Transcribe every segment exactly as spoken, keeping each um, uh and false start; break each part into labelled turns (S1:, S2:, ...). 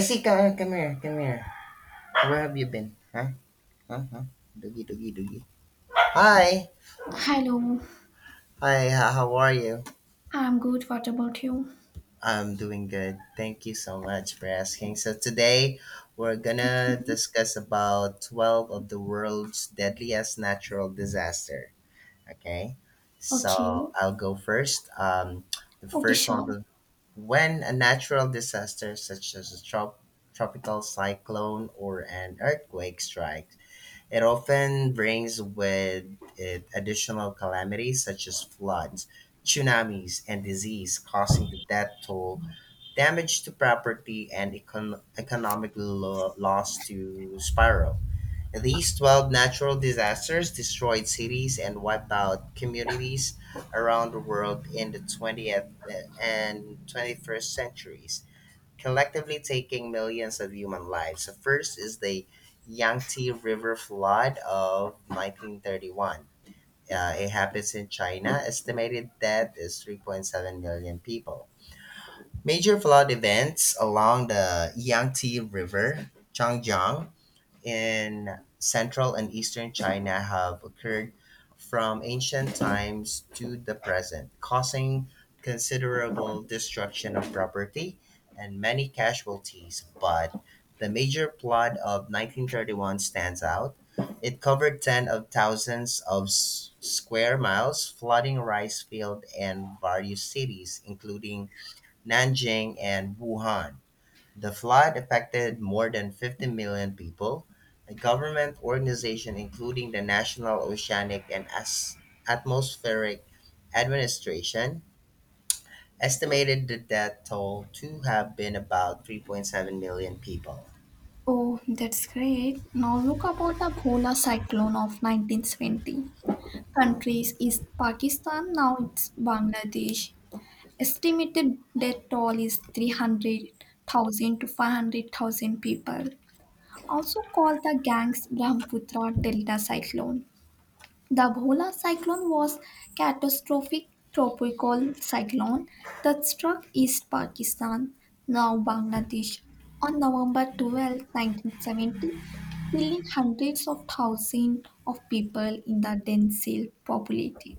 S1: Jessica, come here, come here. Where have you been? Huh? Huh? Huh? Doogie, doogie, doogie. Hi.
S2: Hello,
S1: Hi, h- how are you?
S2: I'm good. What about you?
S1: I'm doing good. Thank you so much for asking. So today we're gonna
S2: Okay,
S1: discuss about twelve of the world's deadliest natural disaster. Okay?
S2: okay,
S1: So I'll go first. Um, the
S2: okay,
S1: first one
S2: sure.
S1: was when a natural disaster such as a trop- tropical cyclone or an earthquake strike. It often brings with it additional calamities such as floods, tsunamis, and disease, causing the death toll, damage to property, and econ- economic lo- loss to spiral. These twelve natural disasters destroyed cities and wiped out communities around the world in the twentieth and twenty-first centuries, collectively taking millions of human lives. So first is the Yangtze River flood of nineteen thirty-one. Uh, it happens in China. Estimated death is three point seven million people. Major flood events along the Yangtze River, Changjiang, in central and eastern China have occurred from ancient times to the present, causing considerable destruction of property and many casualties. But the major flood of nineteen thirty-one stands out. It covered tens of thousands of s- square miles, flooding rice fields and various cities, including Nanjing and Wuhan. The flood affected more than fifty million people. A government organization, including the National Oceanic and As- Atmospheric Administration, estimated the death toll to have been about three point seven million people.
S2: Oh, that's great. Now look about the Bhola cyclone of nineteen twenty. Countries is Pakistan, now it's Bangladesh. Estimated death toll is three hundred thousand to five hundred thousand people. Also called the Gangs Brahmaputra Delta cyclone. The Bhola cyclone was catastrophic tropical cyclone that struck East Pakistan, now Bangladesh, on November twelfth, nineteen seventy, killing hundreds of thousands of people in the densely populated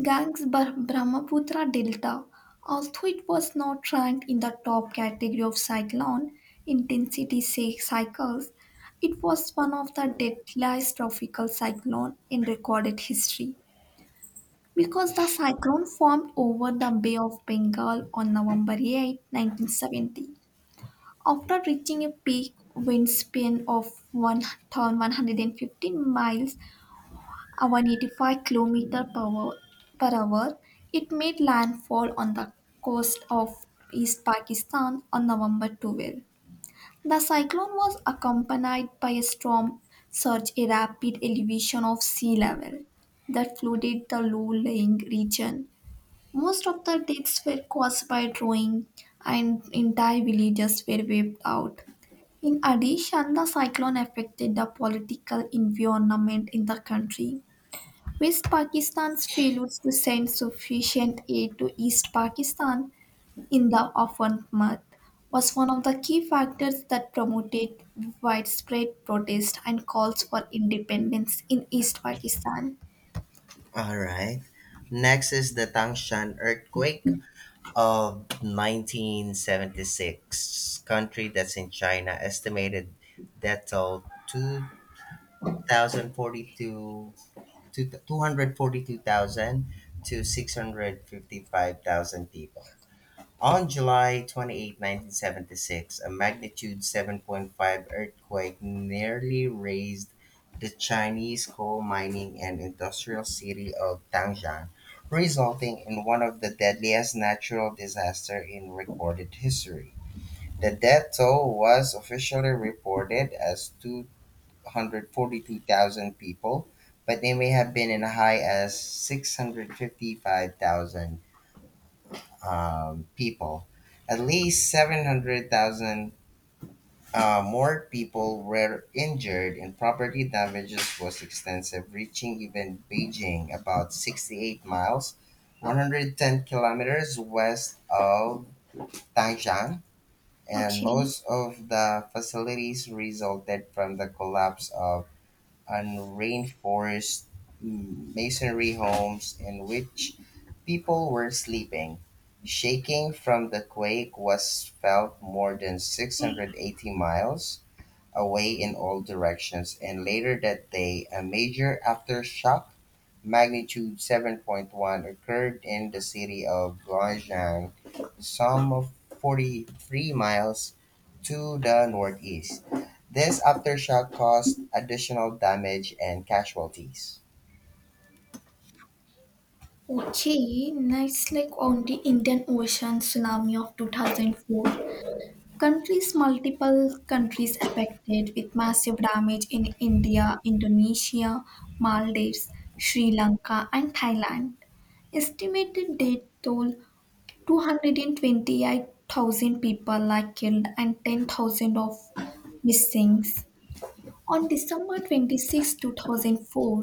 S2: Gangs Bra- Brahmaputra Delta, although it was not ranked in the top category of cyclone intensity cy- cycles. It was one of the deadliest tropical cyclone in recorded history because the cyclone formed over the Bay of Bengal on November eighth, nineteen seventy. After reaching a peak wind spin of one thousand one hundred fifteen miles a one hundred eighty-five kilometer per hour, per hour. It made landfall on the coast of East Pakistan on November twelfth. The cyclone was accompanied by a storm surge, a rapid elevation of sea level that flooded the low-lying region. Most of the deaths were caused by drowning, and entire villages were wiped out. In addition, the cyclone affected the political environment in the country. West Pakistan's failures to send sufficient aid to East Pakistan in the orphan month was one of the key factors that promoted widespread protest and calls for independence in East Pakistan.
S1: All right. Next is the Tangshan earthquake of nineteen seventy-six. Country, that's in China. Estimated death toll two thousand forty-two, two- 242,000 to six hundred fifty-five thousand people. On July twenty-eighth, nineteen seventy-six, a magnitude seven point five earthquake nearly razed the Chinese coal mining and industrial city of Tangshan, resulting in one of the deadliest natural disasters in recorded history. The death toll was officially reported as two, one hundred forty-two thousand people, but they may have been in a high as six hundred fifty-five thousand um, people. At least seven hundred thousand uh, more people were injured, and property damages was extensive, reaching even Beijing, about sixty-eight miles, one hundred ten kilometers west of Tangshan. And
S2: Okay.
S1: most of the facilities resulted from the collapse of and reinforced masonry homes in which people were sleeping. Shaking from the quake was felt more than six hundred eighty miles away in all directions, and later that day a major aftershock magnitude seven point one occurred in the city of Gyeonggang, some of forty-three miles to the northeast. This aftershock caused additional damage and casualties.
S2: Okay, now it's like on the Indian Ocean tsunami of two thousand four. Countries multiple countries affected with massive damage in India, Indonesia, Maldives, Sri Lanka, and Thailand. Estimated death toll two hundred twenty-eight thousand people are killed and ten thousand of missing. On December twenty-sixth, two thousand four,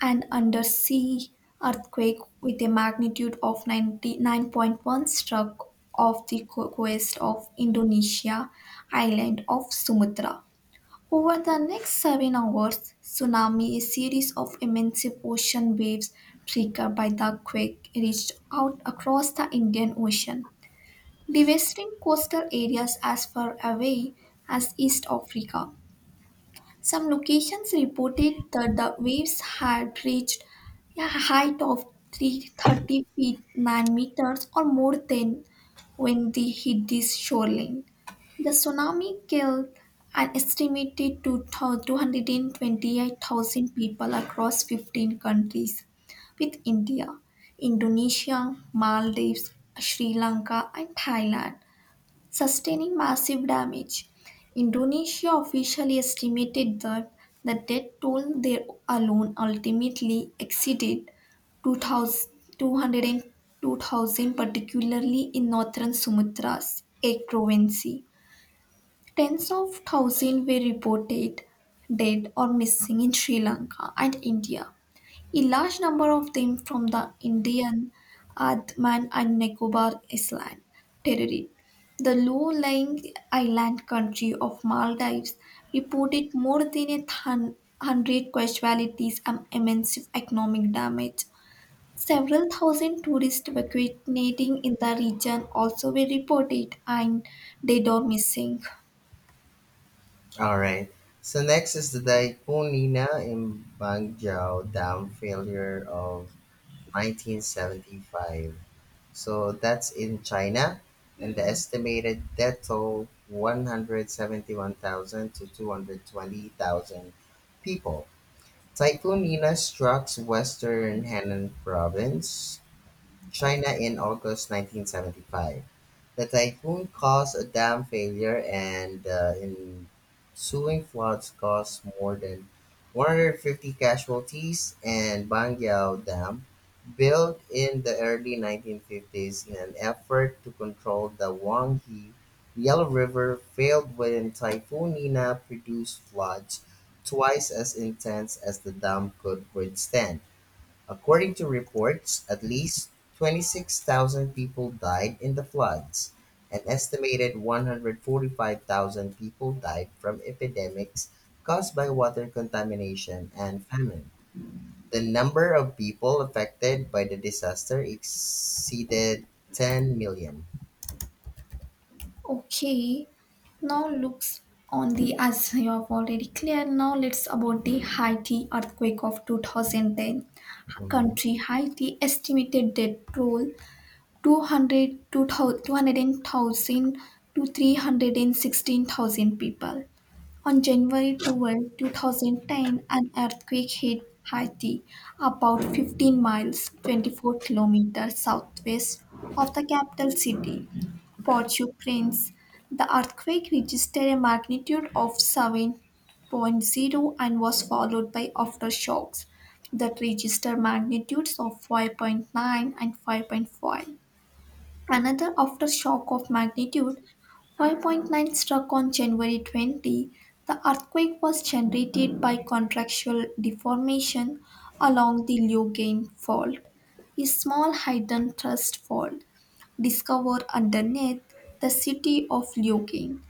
S2: an undersea earthquake with a magnitude of ninety-nine point one struck off the co- coast of Indonesia island of Sumatra. Over the next seven hours, tsunami, a series of immense ocean waves triggered by the quake, reached out across the Indian Ocean, devastating coastal areas as far away as East Africa. Some locations reported that the waves had reached a height of three hundred thirty feet nine meters or more than when they hit the shoreline. The tsunami killed an estimated two hundred twenty-eight thousand people across fifteen countries, with India, Indonesia, Maldives, Sri Lanka, and Thailand sustaining massive damage. Indonesia officially estimated that the death toll there alone ultimately exceeded two thousand two hundred and two thousand, particularly in northern Sumatra's a province. Tens of thousands were reported dead or missing in Sri Lanka and India. A large number of them from the Indian Andaman and Nicobar Island territory. The low-lying island country of Maldives reported more than a thun- hundred casualties and immense economic damage. Several thousand tourists vacationing in the region also were reported, and dead or missing.
S1: All right. So next is the Daikun Lina in Bangjao Dam failure of nineteen seventy-five. So that's in China, and the estimated death toll one hundred seventy-one thousand to two hundred twenty thousand people. Typhoon Nina struck western Henan province, China in August nineteen seventy-five. The typhoon caused a dam failure, and uh, ensuing floods caused more than one hundred fifty casualties. And Bangyao Dam, built in the early nineteen fifties in an effort to control the Wanghe Yellow River, failed when Typhoon Nina produced floods twice as intense as the dam could withstand. According to reports, at least twenty-six thousand people died in the floods. An estimated one hundred forty-five thousand people died from epidemics caused by water contamination and famine. The number of people affected by the disaster exceeded ten million.
S2: Okay, now looks on the as you have already clear. Now let's about the Haiti earthquake of two thousand ten.
S1: Mhm.
S2: Country Haiti estimated dead toll two hundred two hundred ten thousand to three hundred sixteen thousand people. On January twelfth, twenty ten, an earthquake hit Haiti, about fifteen miles twenty-four kilometers southwest of the capital city, Port-au-Prince. The earthquake registered a magnitude of seven point zero and was followed by aftershocks that registered magnitudes of five point nine and five point five. Another aftershock of magnitude five point nine struck on January twentieth. The earthquake was generated by contractual deformation along the Leugain Fault, a small hidden thrust fault discovered underneath the city of Leugain.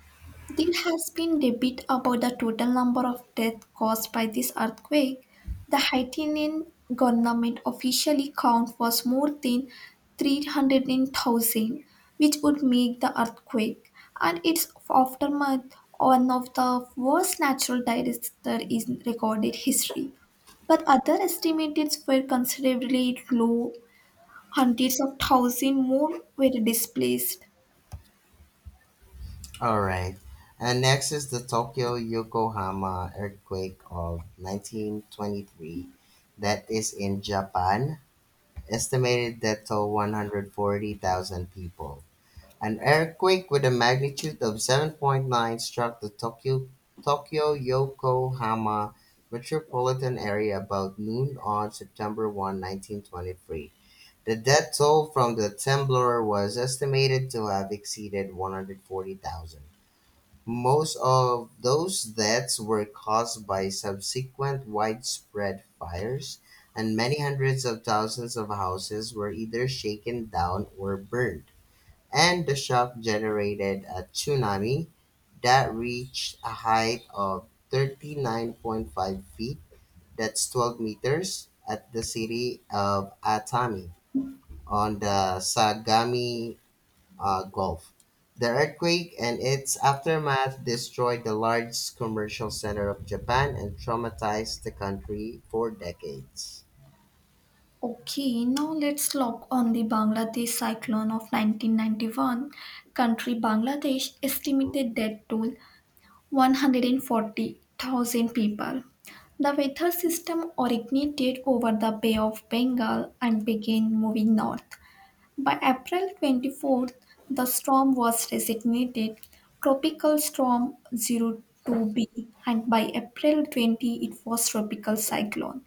S2: There has been debate about the total number of deaths caused by this earthquake. The Haitian government officially count was more than three hundred thousand, which would make the earthquake and its aftermath one of the worst natural disasters in recorded history. But other estimates were considerably low. Hundreds of thousands more were displaced.
S1: All right. And next is the Tokyo Yokohama earthquake of nineteen twenty-three, that is in Japan. Estimated death toll one hundred forty thousand people. An earthquake with a magnitude of seven point nine struck the Tokyo, Tokyo Yokohama metropolitan area about noon on September first, nineteen twenty-three. The death toll from the temblor was estimated to have exceeded one hundred forty thousand. Most of those deaths were caused by subsequent widespread fires, and many hundreds of thousands of houses were either shaken down or burned. And the shock generated a tsunami that reached a height of thirty-nine point five feet, that's twelve meters, at the city of Atami on the Sagami uh, Gulf. The earthquake and its aftermath destroyed the largest commercial center of Japan and traumatized the country for decades.
S2: Okay, now let's look on the Bangladesh cyclone of nineteen ninety-one. Country Bangladesh estimated dead toll one hundred forty thousand people. The weather system originated over the Bay of Bengal and began moving north. By April twenty-fourth, the storm was designated Tropical Storm Zero Two b, and by April twentieth, it was Tropical Cyclone.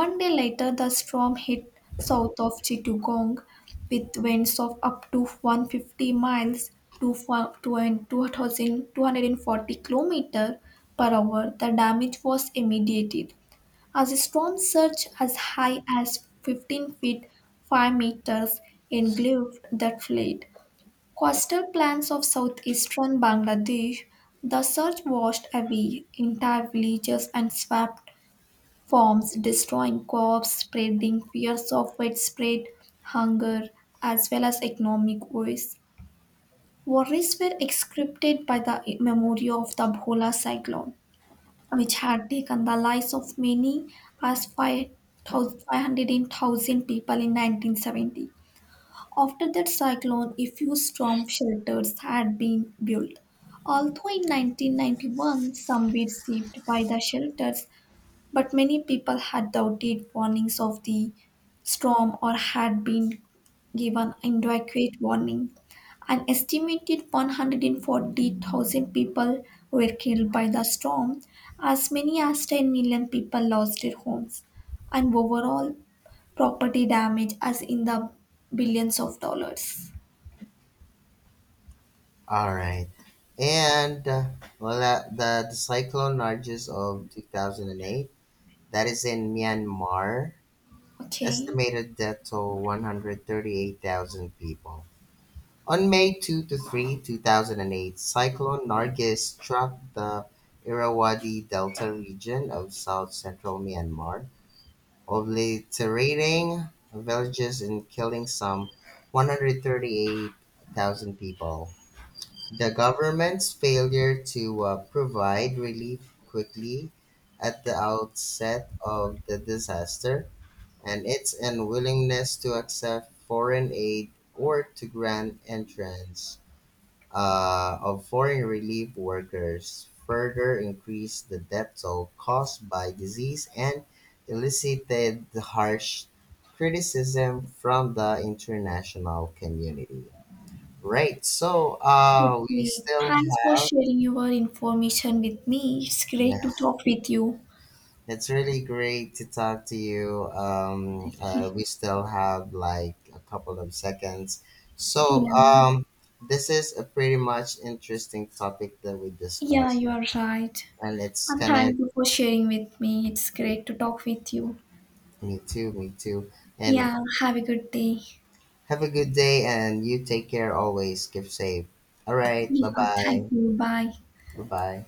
S2: One day later, the storm hit south of Chittagong with winds of up to one hundred fifty miles to two thousand two hundred forty kilometers per hour. The damage was immediate, as the storm surged as high as fifteen feet five meters engulfed the fleet. Coastal plains of southeastern Bangladesh, the surge washed away entire villages and swept forms, destroying crops, spreading fears of widespread hunger, as well as economic woes. Worries were exacerbated by the memory of the Bhola cyclone, which had taken the lives of many as five hundred thousand people in nineteen seventy. After that cyclone, a few storm shelters had been built. Although in nineteen ninety-one some were saved by the shelters, but many people had the outdated warnings of the storm or had been given inadequate warning. An estimated one hundred forty thousand people were killed by the storm, as many as ten million people lost their homes, and overall property damage as in the billions of dollars.
S1: All right. And uh, well, uh, the, the cyclone Nargis of two thousand eight, that is in Myanmar.
S2: Okay.
S1: Estimated death to one hundred thirty-eight thousand people. On May second to three, two thousand eight, Cyclone Nargis struck the Irrawaddy Delta region of south-central Myanmar, obliterating villages and killing some one hundred thirty-eight thousand people. The government's failure to uh, provide relief quickly at the outset of the disaster and its unwillingness to accept foreign aid or to grant entrance uh, of foreign relief workers further increased the death toll caused by disease and elicited harsh criticism from the international community. Right, so uh, we
S2: Okay.
S1: still
S2: Thanks for
S1: have,
S2: sharing your information with me. It's
S1: yeah,
S2: great to talk with you.
S1: it's really great to talk to you. Um, uh, we still have like a couple of seconds. So,
S2: Yeah.
S1: um, this is a pretty much interesting topic that we
S2: Yeah,
S1: discussed,
S2: you are right.
S1: and it's
S2: And
S1: kind of.
S2: thank you for sharing with me. It's great to talk with you.
S1: Me too, me too. And
S2: Yeah, have a good day.
S1: have a good day, and you take care always. Keep safe. All right. Bye
S2: Yeah, thank
S1: bye.
S2: you. Bye.
S1: Bye bye.